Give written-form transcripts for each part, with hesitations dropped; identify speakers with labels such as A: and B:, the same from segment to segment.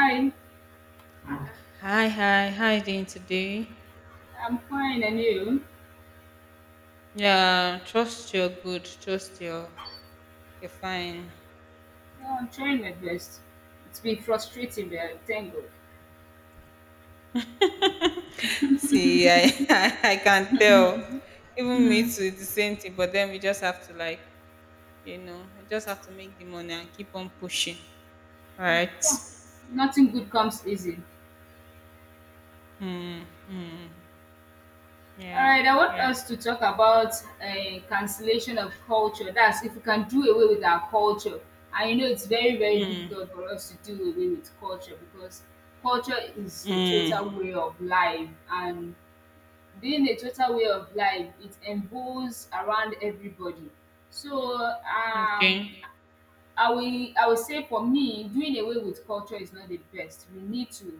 A: Hi,
B: Hi, hi, how you doing today?
A: I'm fine, and you?
B: Yeah, trust you're good. Trust you're fine.
A: Yeah, I'm trying my best. It's been frustrating, but thank God.
B: See, I I can tell. Even me
A: Hmm.
B: too, it's the same thing. But then we just have to like, you know, we just have to make the money and keep on pushing, right?
A: Oh, nothing good comes easy.
B: Mm, mm,
A: All
B: yeah,
A: right, I want
B: yeah.
A: us to talk about cancellation of culture. That's if we can do away with our culture. I know it's very, very
B: Mm,
A: difficult for us to do away with culture because culture is a
B: mm,
A: total way of life, and being a total way of life, it involves around everybody. So, um,
B: okay.
A: I will I will say for me, doing away with culture is not the best. We need to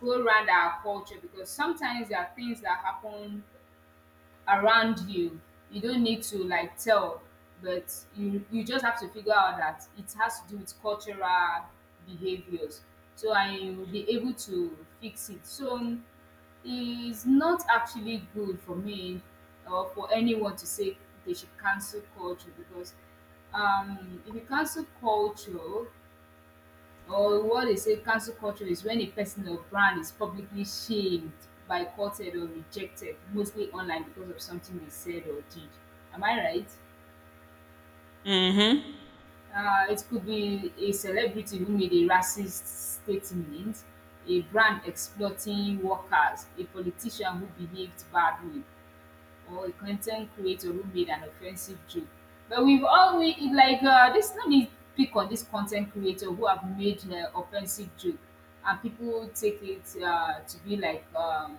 A: go round our culture because sometimes there are things that happen around you. You don't need to like tell, but you just have to figure out that it has to do with cultural behaviors. So and you will be able to fix it. So, it's not actually good for me or for anyone to say they should cancel culture because if you cancel culture, or what they say cancel culture is when a person or brand is publicly shamed, boycotted, or rejected, mostly online because of something they said or did. Am I right?
B: Mm-hmm.
A: It could be a celebrity who made a racist statement, a brand exploiting workers, a politician who behaved badly, or a content creator who made an offensive joke. But we've all we it like this. Let me pick on this content creator who have made offensive joke, and people take it to be like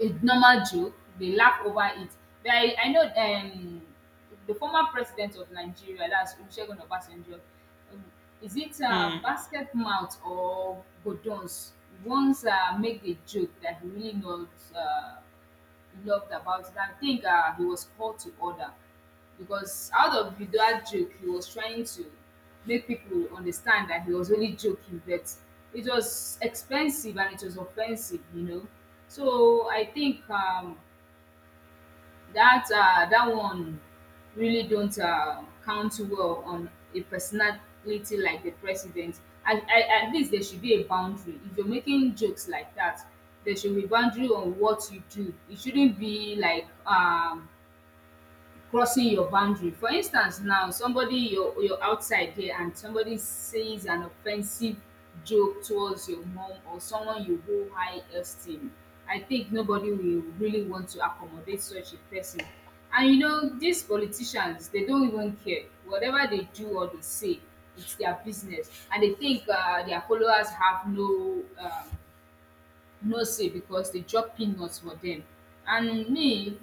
A: a normal joke. They laugh over it. But I know the former president of Nigeria, that's Olusegun Obasanjo. um, Is it
B: Mm.
A: basket mouth or godons? Once make a joke that he really not Uh, loved about it. I think he was called to order because out of that joke, he was trying to make people understand that he was only joking, but it was expensive and it was offensive, you know. So I think that that one really don't count well on a personality like the president. At at least there should be a boundary. If you're making jokes like that, there should be boundary on what you do. It shouldn't be like crossing your boundary. For instance now, somebody you're outside there and somebody says an offensive joke towards your mom or someone you hold high esteem. I think nobody will really want to accommodate such a person. And you know, these politicians, they don't even care. Whatever they do or they say, it's their business. And they think their followers have no no say because they drop peanuts for them. And me,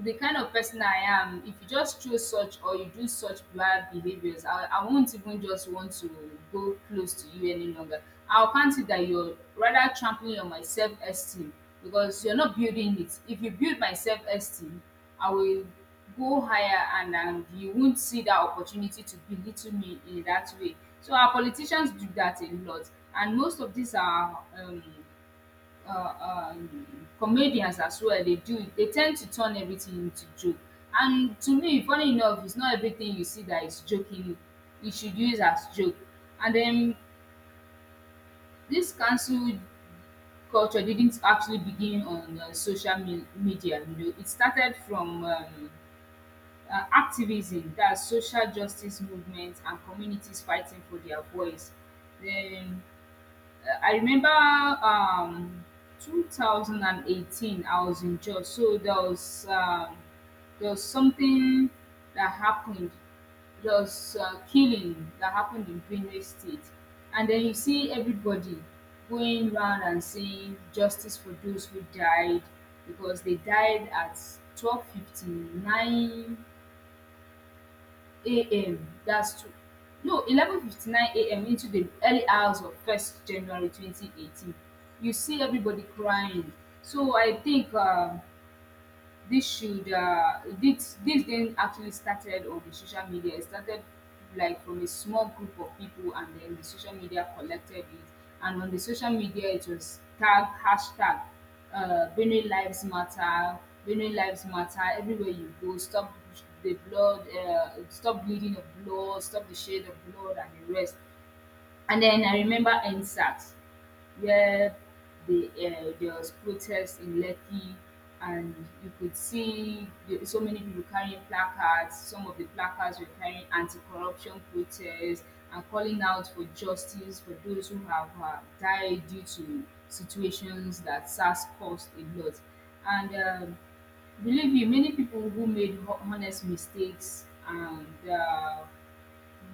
A: the kind of person I am, if you just choose such or you do such bad behaviors, I won't even just want to go close to you any longer. I'll count it that you're rather trampling on my self esteem because you're not building it. If you build my self esteem, I will go higher, and you won't see that opportunity to belittle me in that way. So, our politicians do that a lot, and most of these are. Comedians as well, they do, they tend to turn everything into joke, and to me funny enough, it's not everything you see that is joking you should use as joke. And then this cancel culture didn't actually begin on social media, you know. It started from activism, that's social justice movements and communities fighting for their voice. Then I remember 2018, I was in Jos, so there was something that happened. There was killing that happened in Benue State, and then you see everybody going round and saying justice for those who died because they died at 12:59 a.m. that's two no 11:59 a.m. into the early hours of first january 2018. You see everybody crying. So I think this should this this didn't actually started on the social media. It started like from a small group of people, and then the social media collected it. And on the social media, it was tag hashtag Benue Lives Matter. Benue Lives Matter. Everywhere you go, stop the blood. Stop bleeding of blood. Stop the shade of blood, and the rest. And then I remember NSAT, where there was protests in Lekki, and you could see the, so many people carrying placards. Some of the placards were carrying anti-corruption protests and calling out for justice for those who have died due to situations that SARS caused a lot. And believe me, many people who made honest mistakes and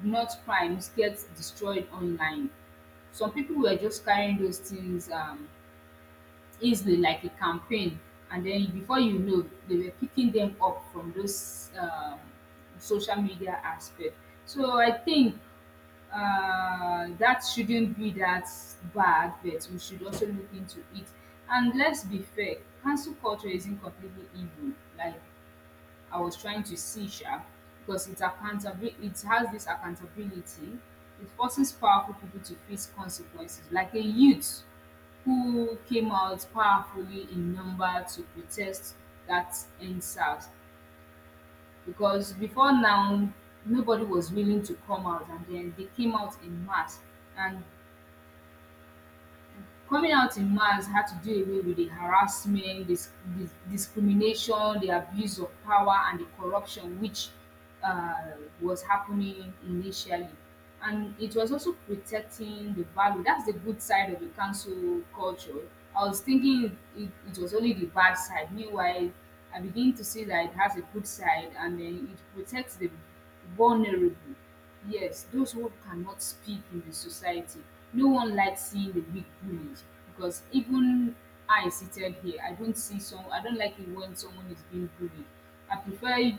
A: not crimes get destroyed online. Some people were just carrying those things easily, like a campaign, and then before you know, they were picking them up from those social media aspect. So I think that shouldn't be that bad, but we should also look into it. And let's be fair, cancel culture isn't completely evil. Like I was trying to see sha, because it's accountability. It has this accountability. It forces powerful people to face consequences, like a youth who came out powerfully in number to protest that Endsars. Because before now, nobody was willing to come out, and then they came out in mass. And coming out in mass had to do away with the harassment, discrimination, the abuse of power, and the corruption which uh, was happening initially. And it was also protecting the value. That's the good side of the council culture. I was thinking it was only the bad side. Meanwhile, I begin to see that it has a good side, and then it protects the vulnerable. Yes, those who cannot speak in the society. No one likes seeing the big bullies because even I seated here, I don't see some. I don't like it when someone is being bullied. I prefer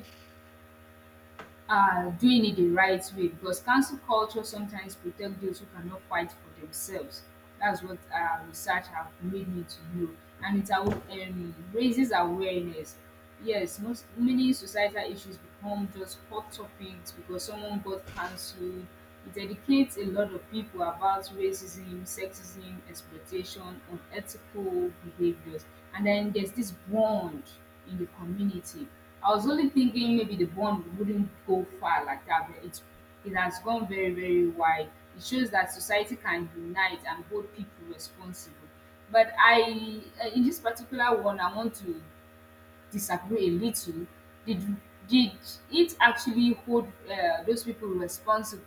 A: doing it the right way because cancel culture sometimes protect those who cannot fight for themselves. That's what research have made me to know, and it raises awareness. Yes, most many societal issues become just hot topics because someone got cancelled. It educates a lot of people about racism, sexism, exploitation, unethical behaviors, and then there's this bond in the community. I was only thinking maybe the bond wouldn't go far like that, but it has gone very, very wide. It shows that society can unite and hold people responsible. But I, in this particular one, I want to disagree a little. Did did it actually hold those people responsible?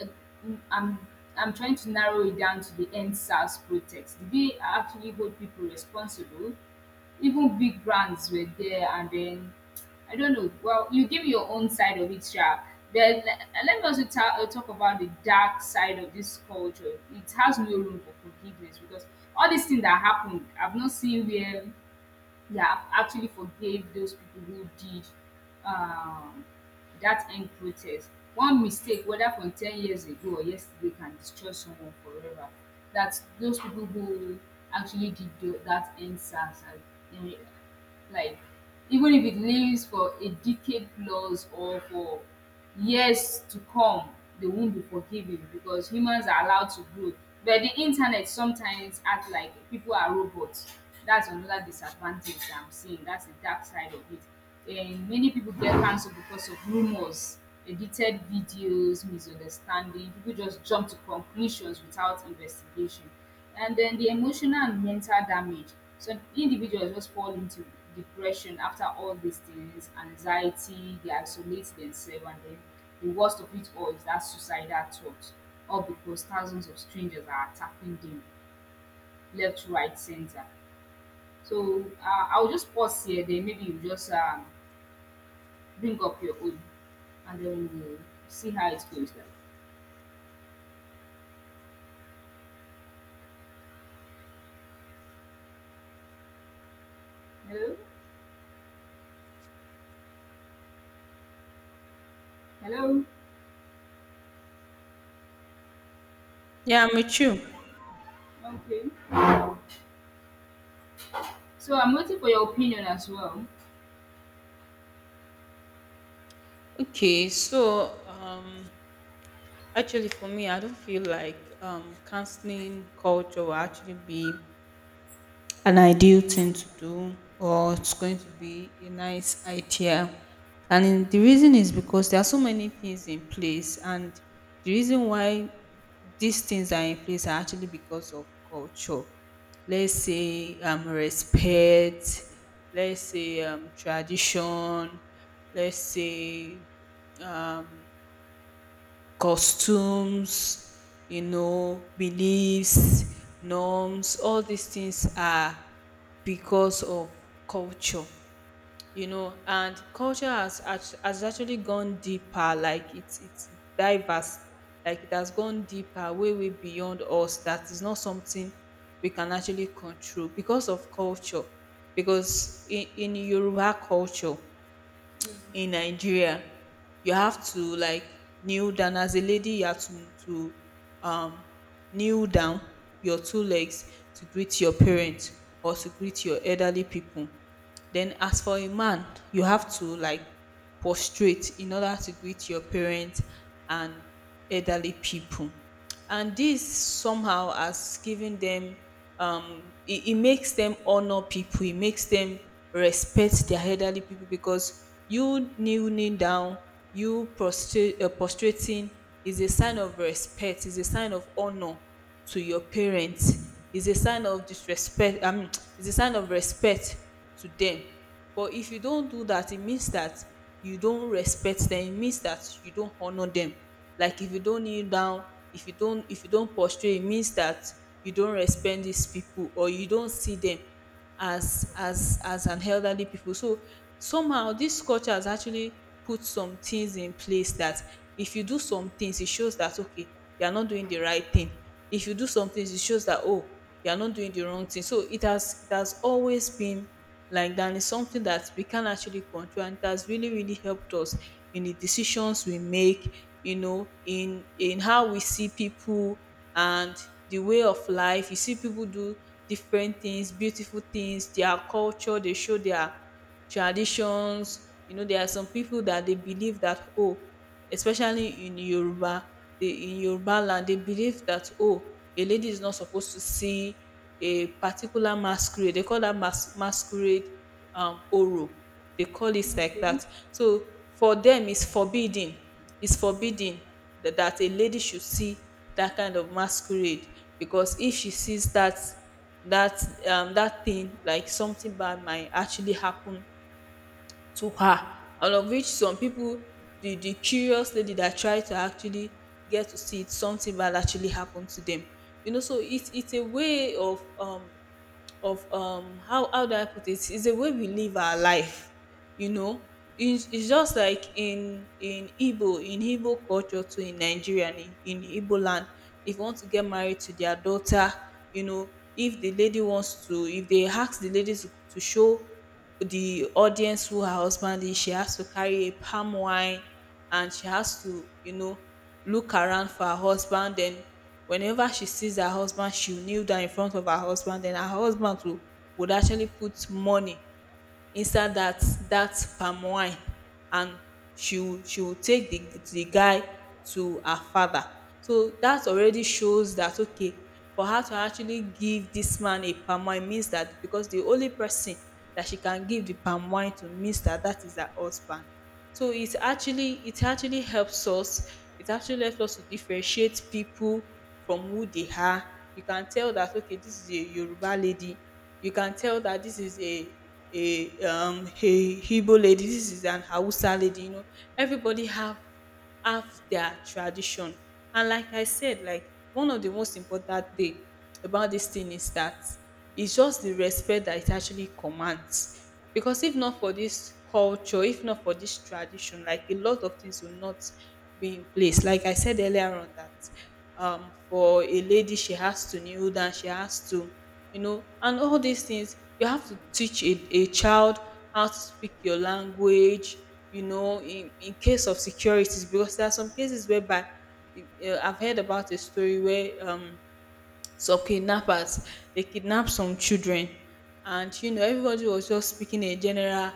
A: Uh, I'm I'm trying to narrow it down to the end SARS protest. Did they actually hold people responsible? Even big brands were there, and then I don't know. Well, you give your own side of it, Sha. Then let me also talk about the dark side of this culture. It has no room for forgiveness because all these things that happened, I've not seen where yeah, I've actually forgave those people who did um, that end protest. One mistake, whether from 10 years ago or yesterday, can destroy someone forever. That those people who actually did that end SARS, like even if it lives for a decade plus or for years to come, they won't be forgiving because humans are allowed to grow, but the internet sometimes act like people are robots. That's another disadvantage that I'm seeing. That's the dark side of it. And many people get cancelled because of rumors, edited videos, misunderstanding. People just jump to conclusions without investigation. And then the emotional and mental damage. So individuals just fall into depression after all these things, anxiety, they isolate themselves, and then the worst of it all is that suicidal thought. All because thousands of strangers are attacking them left, right, center. So I'll just pause here, then maybe you just bring up your own, and then we'll see how it goes. Like, hello? Hello?
B: Yeah, I'm with you.
A: Okay. So I'm waiting for your opinion as well.
B: Okay, so... Actually, for me, I don't feel like canceling culture will actually be an ideal thing to do, or it's going to be a nice idea. The reason is because there are so many things in place, and the reason why these things are in place are actually because of culture. Let's say respect, let's say tradition, let's say um, costumes, you know, beliefs, norms. All these things are because of culture, you know, and culture has actually gone deeper, like it's diverse, like it has gone deeper, way way beyond us. That is not something we can actually control because of culture. Because in Yoruba culture,
A: Mm.
B: in Nigeria, you have to like kneel down as a lady. You have to um, kneel down your two legs to greet your parents or to greet your elderly people. Then, as for a man, you have to like prostrate in order to greet your parents and elderly people. And this somehow has given them. It makes them honor people. It makes them respect their elderly people, because you kneeling down, you prostrate prostrating is a sign of respect, is a sign of honor to your parents. Is a sign of disrespect, I mean is a sign of respect to them. But if you don't do that, it means that you don't respect them. It means that you don't honor them. Like if you don't kneel down, if you don't prostrate, it means that you don't respect these people or you don't see them as an elderly people. So somehow this culture has actually put some things in place, that if you do some things, it shows that okay, you are not doing the right thing. If you do some things, it shows that oh, you are not doing the wrong thing. So it has always been like that. Is something that we can actually control, and it has really really helped us in the decisions we make, you know, in how we see people. And the way of life, you see people do different things, beautiful things. Their culture, they show their traditions. You know, there are some people that they believe that oh, especially in Yoruba. They, in Yoruba land, they believe that oh, a lady is not supposed to see a particular masquerade. They call that masquerade oro. They call it like
A: Okay.
B: that. So for them it's forbidden. It's forbidden that a lady should see that kind of masquerade. Because if she sees that that thing, like something bad might actually happen to her. Out of which some people, the curious lady that try to actually get to see it, something bad actually happened to them, you know. So it's a way of, how do I put it, it's a way we live our life, you know. It's just like in Igbo culture too in Nigeria, and in Igbo land, if you want to get married to their daughter, you know, if the lady wants to if they ask the lady to show the audience who her husband is, she has to carry a palm wine, and she has to, you know, look around for her husband. Then whenever she sees her husband, she will kneel down in front of her husband, then her husband will, would actually put money inside that palm wine, and she will take the guy to her father. So that already shows that okay, for her to actually give this man a palm wine means that, because the only person that she can give the palm wine to, means that that is her husband. So it actually helps us. It actually helps us to differentiate people from who they are. You can tell that okay, this is a Yoruba lady. You can tell that this is a Igbo lady. This is an Hausa lady. You know, everybody have their tradition. And like I said, like one of the most important thing about this thing is that it's just the respect that it actually commands. Because if not for this culture, if not for this tradition, like a lot of things will not be in place. Like I said earlier on that for a lady, she has to kneel down, she has to, you know. And all these things, you have to teach a child how to speak your language, you know, in case of securities, because there are some cases whereby I've heard about a story where some kidnappers, they kidnapped some children, and you know, everybody was just speaking a general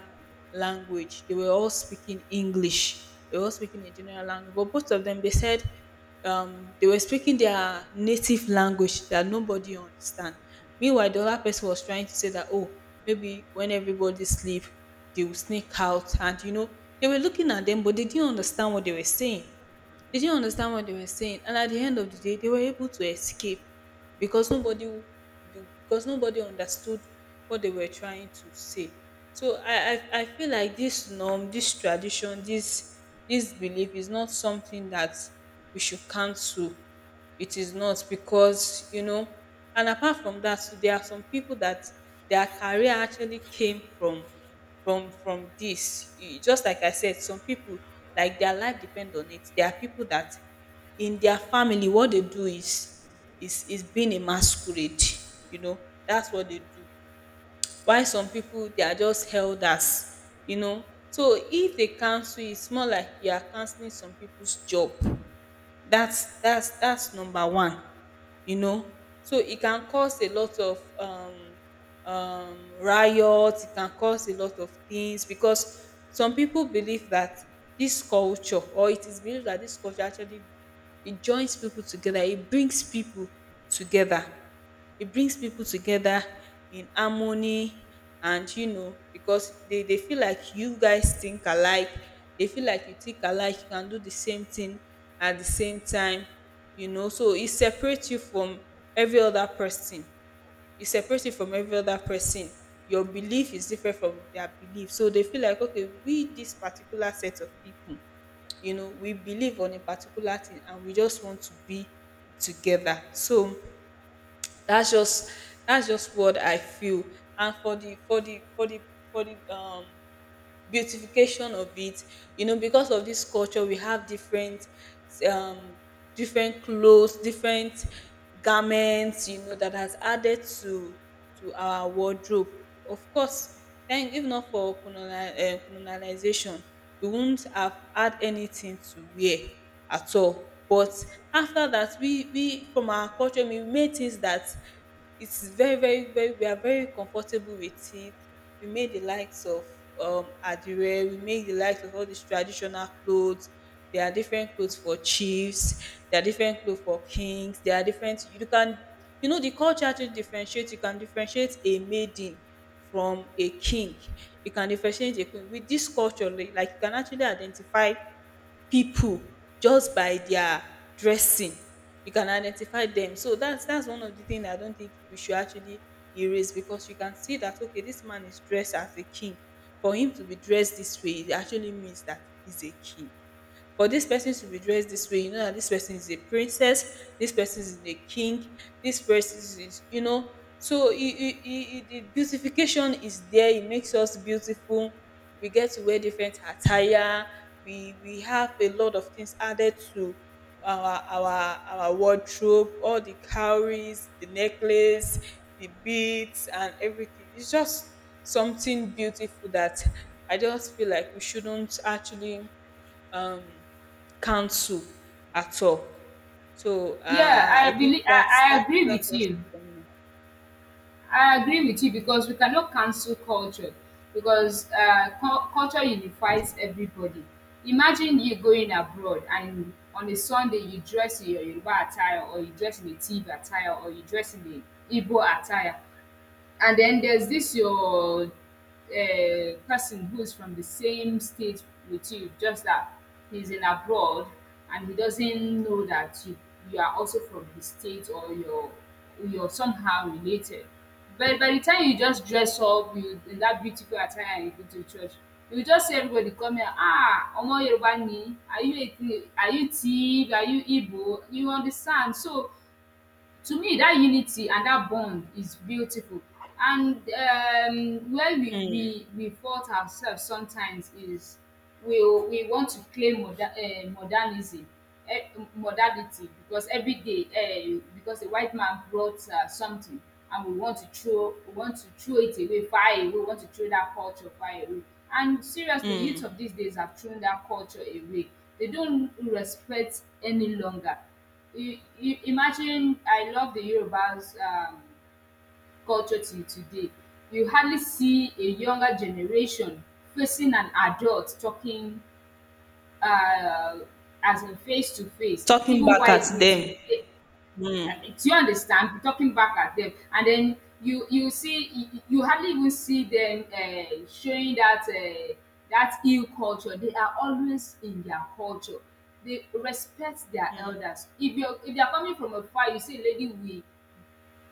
B: language. They were all speaking English, they were all speaking a general language, but both of them, they said they were speaking their native language that nobody understand. Meanwhile the other person was trying to say that oh, maybe when everybody sleep, they will sneak out, and you know, they were looking at them, but they didn't understand what they were saying. They didn't understand what they were saying, and at the end of the day, they were able to escape, because nobody, because nobody understood what they were trying to say. So I feel like this norm, this tradition, this belief is not something that we should cancel. It is not, because, you know, and apart from that, there are some people that their career actually came from from this just like I said. Some people, like their life depend on it. There are people that in their family, what they do is is being a masquerade, you know. That's what they do, while some people, they are just elders, you know. So if they cancel, it's more like you are cancelling some people's job. That's number one, you know. So it can cause a lot of riot. It can cause a lot of things, because some people believe that this culture, or it is believed that this culture actually, it joins people together, it brings people together. It brings people together in harmony. And you know, because they feel like you guys think alike, they feel like you think alike, you can do the same thing at the same time, you know. So it separates you from every other person. It separates you from every other person. Your belief is different from their belief, so they feel like okay, we, this particular set of people, you know, we believe on a particular thing, and we just want to be together. So that's just, that's just what I feel. And for the for the for the for the beautification of it, you know, because of this culture, we have different um different clothes, different garments, you know, that has added to our wardrobe. Of course. Then if not for colonialization, we wouldn't have had anything to wear at all. But after that, we from our culture, we made things that, it's very very very, we are very comfortable with it. We made the likes of adire, we made the likes of all these traditional clothes. There are different clothes for chiefs, there are different clothes for kings, there are different, you can, you know, the culture actually differentiates. You can differentiate a maiden from a king, you can differentiate a queen with this culture. Like you can actually identify people just by their dressing. You can identify them. So that's one of the things I don't think we should actually erase. Because you can see that okay, this man is dressed as a king. For him to be dressed this way, it actually means that he's a king. For this person to be dressed this way, you know that this person is a princess, this person is a king, this person is, you know. So the beautification is there. It makes us beautiful. We get to wear different attire. We have a lot of things added to our wardrobe. All the cowries, the necklace, the beads, and everything. It's just something beautiful that I just feel like we shouldn't actually um, cancel at all. So
A: Yeah,
B: I
A: I believe
B: think that's
A: I
B: that's
A: agree
B: that's
A: with
B: just
A: you.
B: it for me.
A: I agree with you because we cannot cancel culture because culture unifies everybody. Imagine you going abroad and on a Sunday you dress in your Yoruba attire or you dress in a Tiv attire or you dress in a Igbo attire. And then there's this your person who's from the same state with you, just that he's in abroad and he doesn't know that you are also from his state, or you're somehow related. But by the time you just dress up you, in that beautiful attire and you go to church, you just see everybody come here, ah, Omo Yoruba ni, are you, a are you Tiv, are you Igbo? You understand? So to me that unity and that bond is beautiful and where we,
B: Mm,
A: we we fault ourselves sometimes is we we want to claim modernism eh, modernity because every day because a white man brought something and we want to throw it away far away, we want to throw that culture far away. And seriously, youth of
B: mm.
A: these days have thrown that culture away. They don't respect any longer. You you, imagine, I love the Yoruba's culture till today. You hardly see a younger generation facing an adult talking, uh, as in face to face.
B: Talking
A: Even
B: back at
A: while
B: them.
A: greeting they,
B: Mm,
A: uh, do you understand? Be talking back at them. And then you hardly even see them showing that that ill culture. They are always in their culture. They respect their
B: mm,
A: elders. If they are coming from afar, you see a lady with,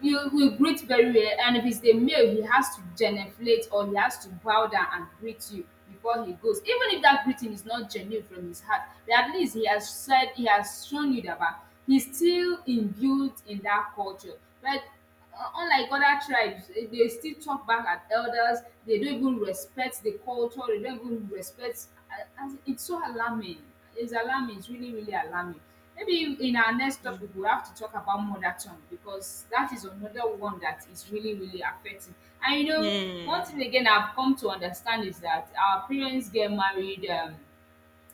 A: you will greet very well. And if it's a male, he has to genuflect or he has to bow down and greet you before he goes, even if that greeting is not genuine from his heart. But at least he has said, he has shown you that bah, he's still imbued in that culture. But unlike other tribes, they still talk back at elders. They don't even respect the culture. They don't even respect, as it's so alarming. It's alarming, it's really really alarming. Maybe in our next
B: mm,
A: topic we'll have to talk about mother tongue, because that is another one that is really really affecting. And you know, one thing
B: mm,
A: again I've come to understand is that our parents get married,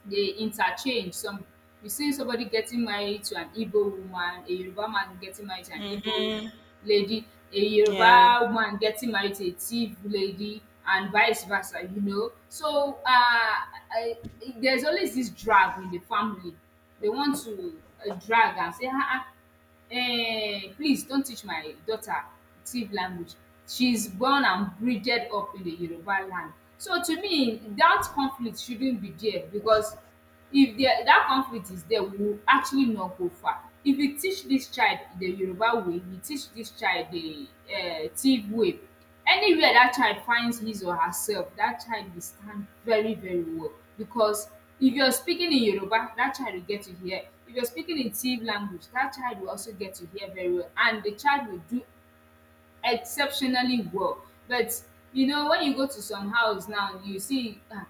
A: they interchange. Some, you see somebody getting married to an Igbo woman, a Yoruba man getting married to an Igbo
B: mm-hmm.
A: lady, a
B: Yeah.
A: Yoruba woman getting married to a Tiv lady, and vice versa. You know, so I, there's always this drag in the family. They want to drag and say, ah, ah, um, please don teach my daughter Tiv language. She's born and bridged up in the Yoruba land. So to me, that conflict shouldn't be there, because if there that conflict is there, we will actually not go far. If you teach this child the Yoruba way, you teach this child the Tiv way, anywhere that child finds his or herself, that child will stand very very well. Because if you're speaking in Yoruba, that child will get to hear. If you're speaking in Tiv language, that child will also get to hear very well, and the child will do exceptionally well. But you know, when you go to some house now, you see, ah,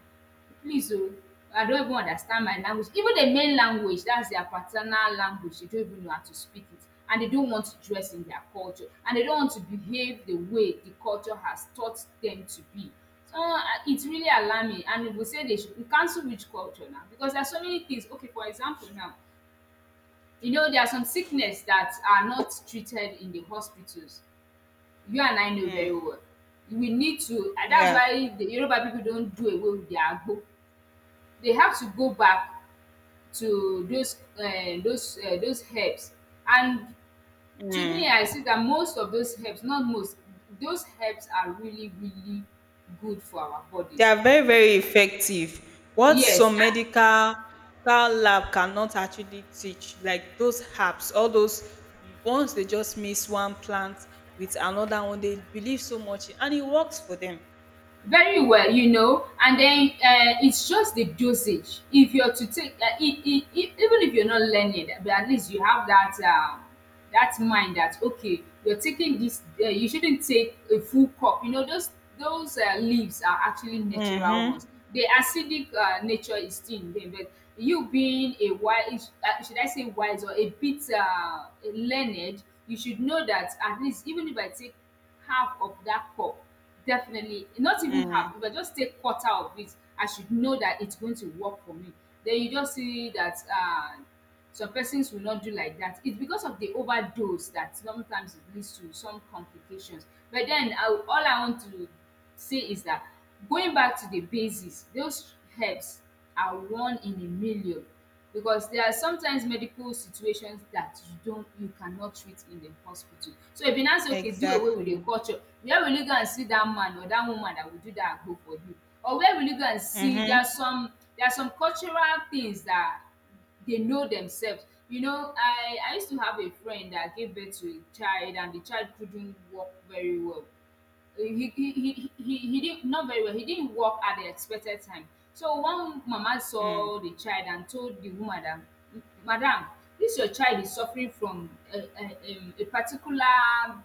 A: please oh, I don't even understand my language. Even the main language, that's their paternal language, they don't even know how to speak it. And they don't want to dress in their culture. And they don't want to behave the way the culture has taught them to be. So it's really alarming. And we will say they should cancel which culture now. Because there are so many things. Okay, for example, now, you know, there are some sickness that are not treated in the hospitals. You and I know very
B: Mm,
A: well. We need to, and that's
B: yeah.
A: why the Yoruba people don't do away with their agbo. They have to go back to those herbs and to me I
B: Mm.
A: see that most of those herbs, not most, those herbs are really really good for our
B: They
A: bodies.
B: are very very effective. What
A: Yes.
B: some medical lab cannot actually teach, like those herbs, all those, once they just mix one plant with another one, they believe so much in- and it works for them.
A: Very well, you know, and then it's just the dosage. If you're to take even if you're not learning, but at least you have that that mind that okay, you're taking this, you shouldn't take a full cup. You know those those leaves are actually natural
B: Mhm.
A: ones. The acidic nature is still in them. But you being a wise, should I say wise or a bit learned, you should know that at least even if I take half of that cup. Definitely. Not even
B: Mm.
A: half. If I just take quarter of it, I should know that it's going to work for me. Then you just see that some persons will not do like that. It's because of the overdose that sometimes it leads to some complications. But then I, all I want to say is that going back to the basis, those herbs are one in a million. Because there are sometimes medical situations that you cannot treat in the hospital. So if you now say okay, do away with the
B: Exactly.
A: culture, where will you go and see that man or that woman that will do that agbo for you? Or where will you go and see, there are
B: Mhm.
A: some, there are some cultural things that they know themselves. You know, I used to have a friend that gave birth to a child and the child couldn't walk very well. He didn't, not very well, he didn't work at the expected time. So one mama
B: Mm.
A: saw the child and told the woman that, "M- madam, this your child is suffering from a particular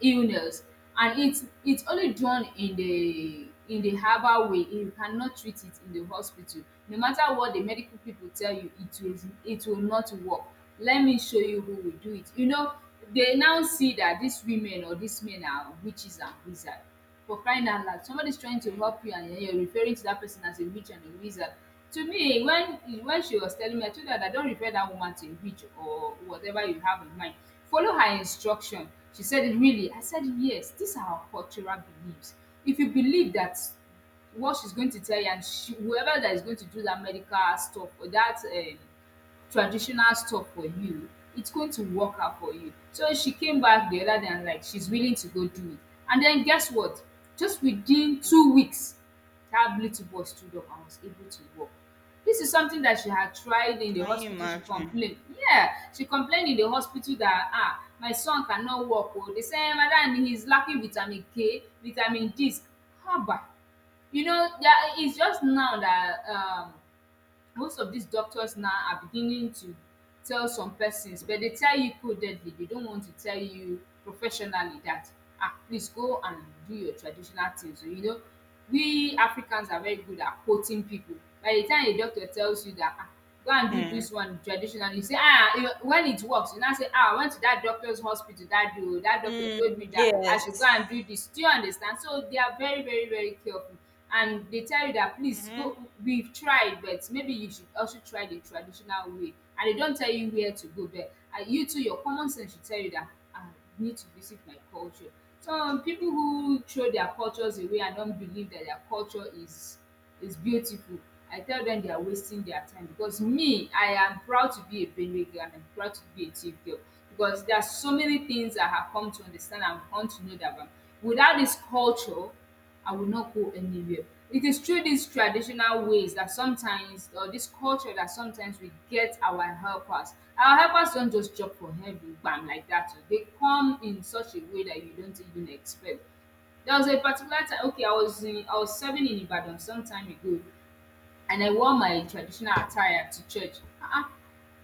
A: illness, and its only done in the herbal way. You cannot treat it in the hospital. No matter what the medical people tell you, it will not work. Let me show you who will do it." You know, they now see that these women or these men are witches and wizard. For crying out loud, somebody's trying to
B: Mm.
A: help you and you're referring to that person as a witch and a wizard. To me, when she was telling me, I told her that, don't refer that woman to a witch or whatever you have in mind. Follow her instruction. She said it really? I said yes, these are our cultural beliefs. If you believe that what she's going to tell you, and she, whoever that is going to do that medical stuff or that traditional stuff for you, it's going to work out for you. So she came back the other day and like she's willing to go do it. And then guess what? Just within 2 weeks, that little boy stood up and was able to walk. This is something that she had tried in the
B: Can you
A: hospital. She
B: imagine?
A: complained. Yeah, she complained in the hospital that, ah, my son cannot walk. Oh, they say madam he's lacking vitamin K, vitamin this. Haba, you know, that it's just now that most of these doctors now are beginning to tell some persons, but they tell you codedly. They don't want to tell you professionally that, ah, please go and do your traditional things. So, you know, we Africans are very good at quoting people. By the time a doctor tells you that, ah, go and do
B: Mm.
A: this one traditionally, you say, ah, you, when it works, you now say, ah, I went to that doctor's hospital that day, o, that doctor
B: Mm.
A: told me that I
B: Yes.
A: should go and do this. Do you understand? So they are very very very careful, and they tell you that, please go,
B: Mhm.
A: we've tried, but maybe you should also try the traditional way. And they don't tell you where to go, but ah, you too, your common sense should tell you that, ah, I need to visit my culture. Some people who throw their cultures away and don't believe that their culture is beautiful, I tell them they are wasting their time. Because me, I am proud to be a Benue girl and I'm proud to be a Chief girl, because there are so many things I have come to understand and come to know that, without this culture, I will not go anywhere. It is through these traditional ways that sometimes, or this culture that sometimes, we get our helpers. Our helpers don't just jump from heaven, bam, like that. Oh. They come in such a way that you don't even expect. There was a particular time, okay, I was serving in Ibadan some time ago, and I wore my traditional attire to church. Ah,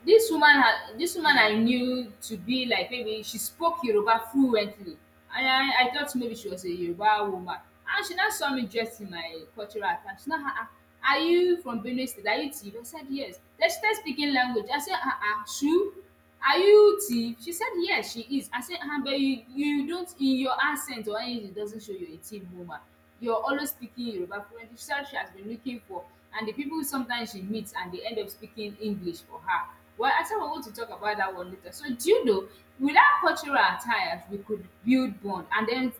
A: this woman I
B: Mm.
A: knew to be like, maybe she spoke Yoruba fluently. And I thought maybe she was a Yoruba woman. And she now saw me dressed in my cultural attire. She now, ah, ah, are you from Benue State? Are you Tiv? I said yes. Then she started speaking language. I said, ah, ah, Shu? Are you Tiv? She said yes she is. I said, "Ah, but you don't, in your accent or anything it doesn't show you're a Tiv woman. You're always speaking Yoruba fluently." She said she has been looking for, and the people sometimes she meets and they end up speaking English for her. Well, I said we're going to talk about that one later. So do you know, without cultural attires we could build bond, and then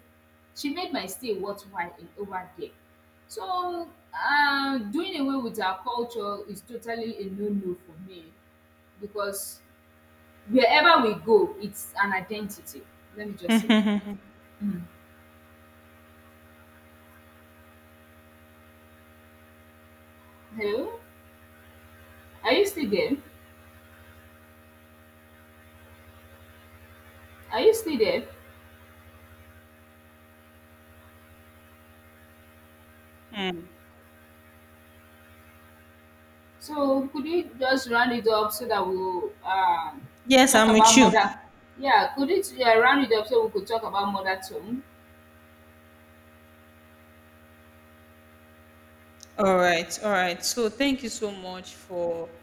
A: she made my stay worthwhile in over there. So doing away with our culture is totally a no no for me, because wherever we go, it's an identity. Let me just say like that. Hello? Are you still there? Are you still there?
B: mm.
A: So could you just round it up so that we'll
B: Yes,
A: talk
B: I'm with
A: about
B: you.
A: mother? Yeah, could it, yeah, round it up so we could talk about mother too?
B: All right, all right. So thank you so much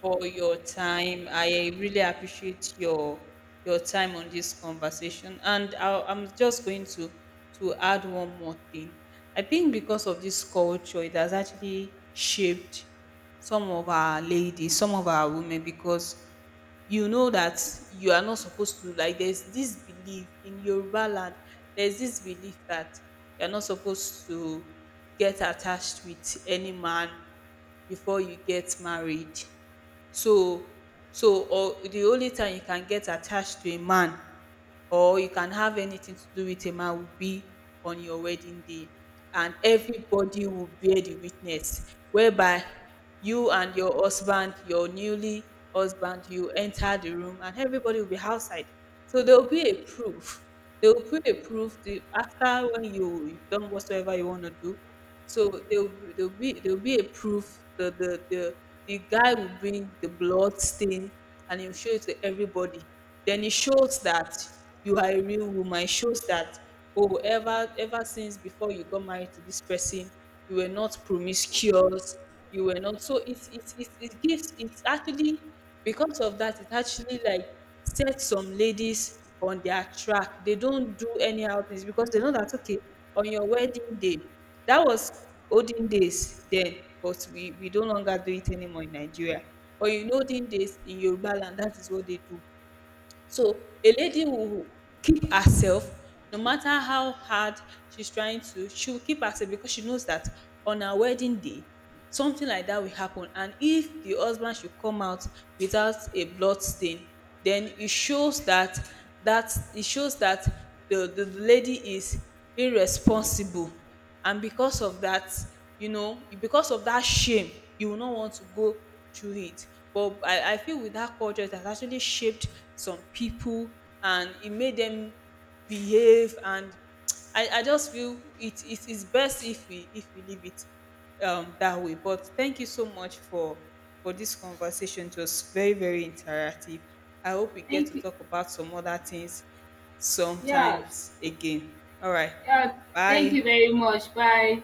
B: for your time. I really appreciate your time on this conversation. And I'm just going to add one more thing. I think because of this culture, it has actually shaped some of our ladies, some of our women. Because you know that you are not supposed to, like there's this belief in Yoruba land, there's this belief that you're not supposed to get attached with any man before you get married. So, so, or the only time you can get attached to a man or you can have anything to do with a man will be on your wedding day, and everybody will bear the witness, whereby you and your husband, your newly husband, you enter the room and everybody will be outside. So there will be a proof, there will be a proof. The after when you, you've done whatsoever you want to do, so there'll be a proof. The the the the guy will bring the blood stain, and he'll show it to everybody. Then it shows that you are a real woman. It shows that oh, ever since before you got married to this person, you were not promiscuous. You were not, so it gives, it's actually because of that. It actually like set some ladies on their track. They don't do anyhow things, because they know that okay, on your wedding day. That was olden days then, but we no longer do it anymore in Nigeria. But in olden days in Yoruba land, that is what they do. So a lady will keep herself, no matter how hard she's trying to, she will keep herself, because she knows that on her wedding day, something like that will happen. And if the husband should come out without a blood stain, then it shows that, that it shows that the lady is irresponsible, and because of that, you know, because of that shame, you will not want to go through it. But I feel with that culture, it has actually shaped some people, and it made them behave. And I just feel it is best if we, if we leave it that way. But thank you so much for this conversation. It was very very interactive. I hope we get
A: Thank
B: to
A: you.
B: talk about some other things
A: Yeah,
B: sometimes again. All right,
A: yeah. Thank
B: bye.
A: you very much. Bye.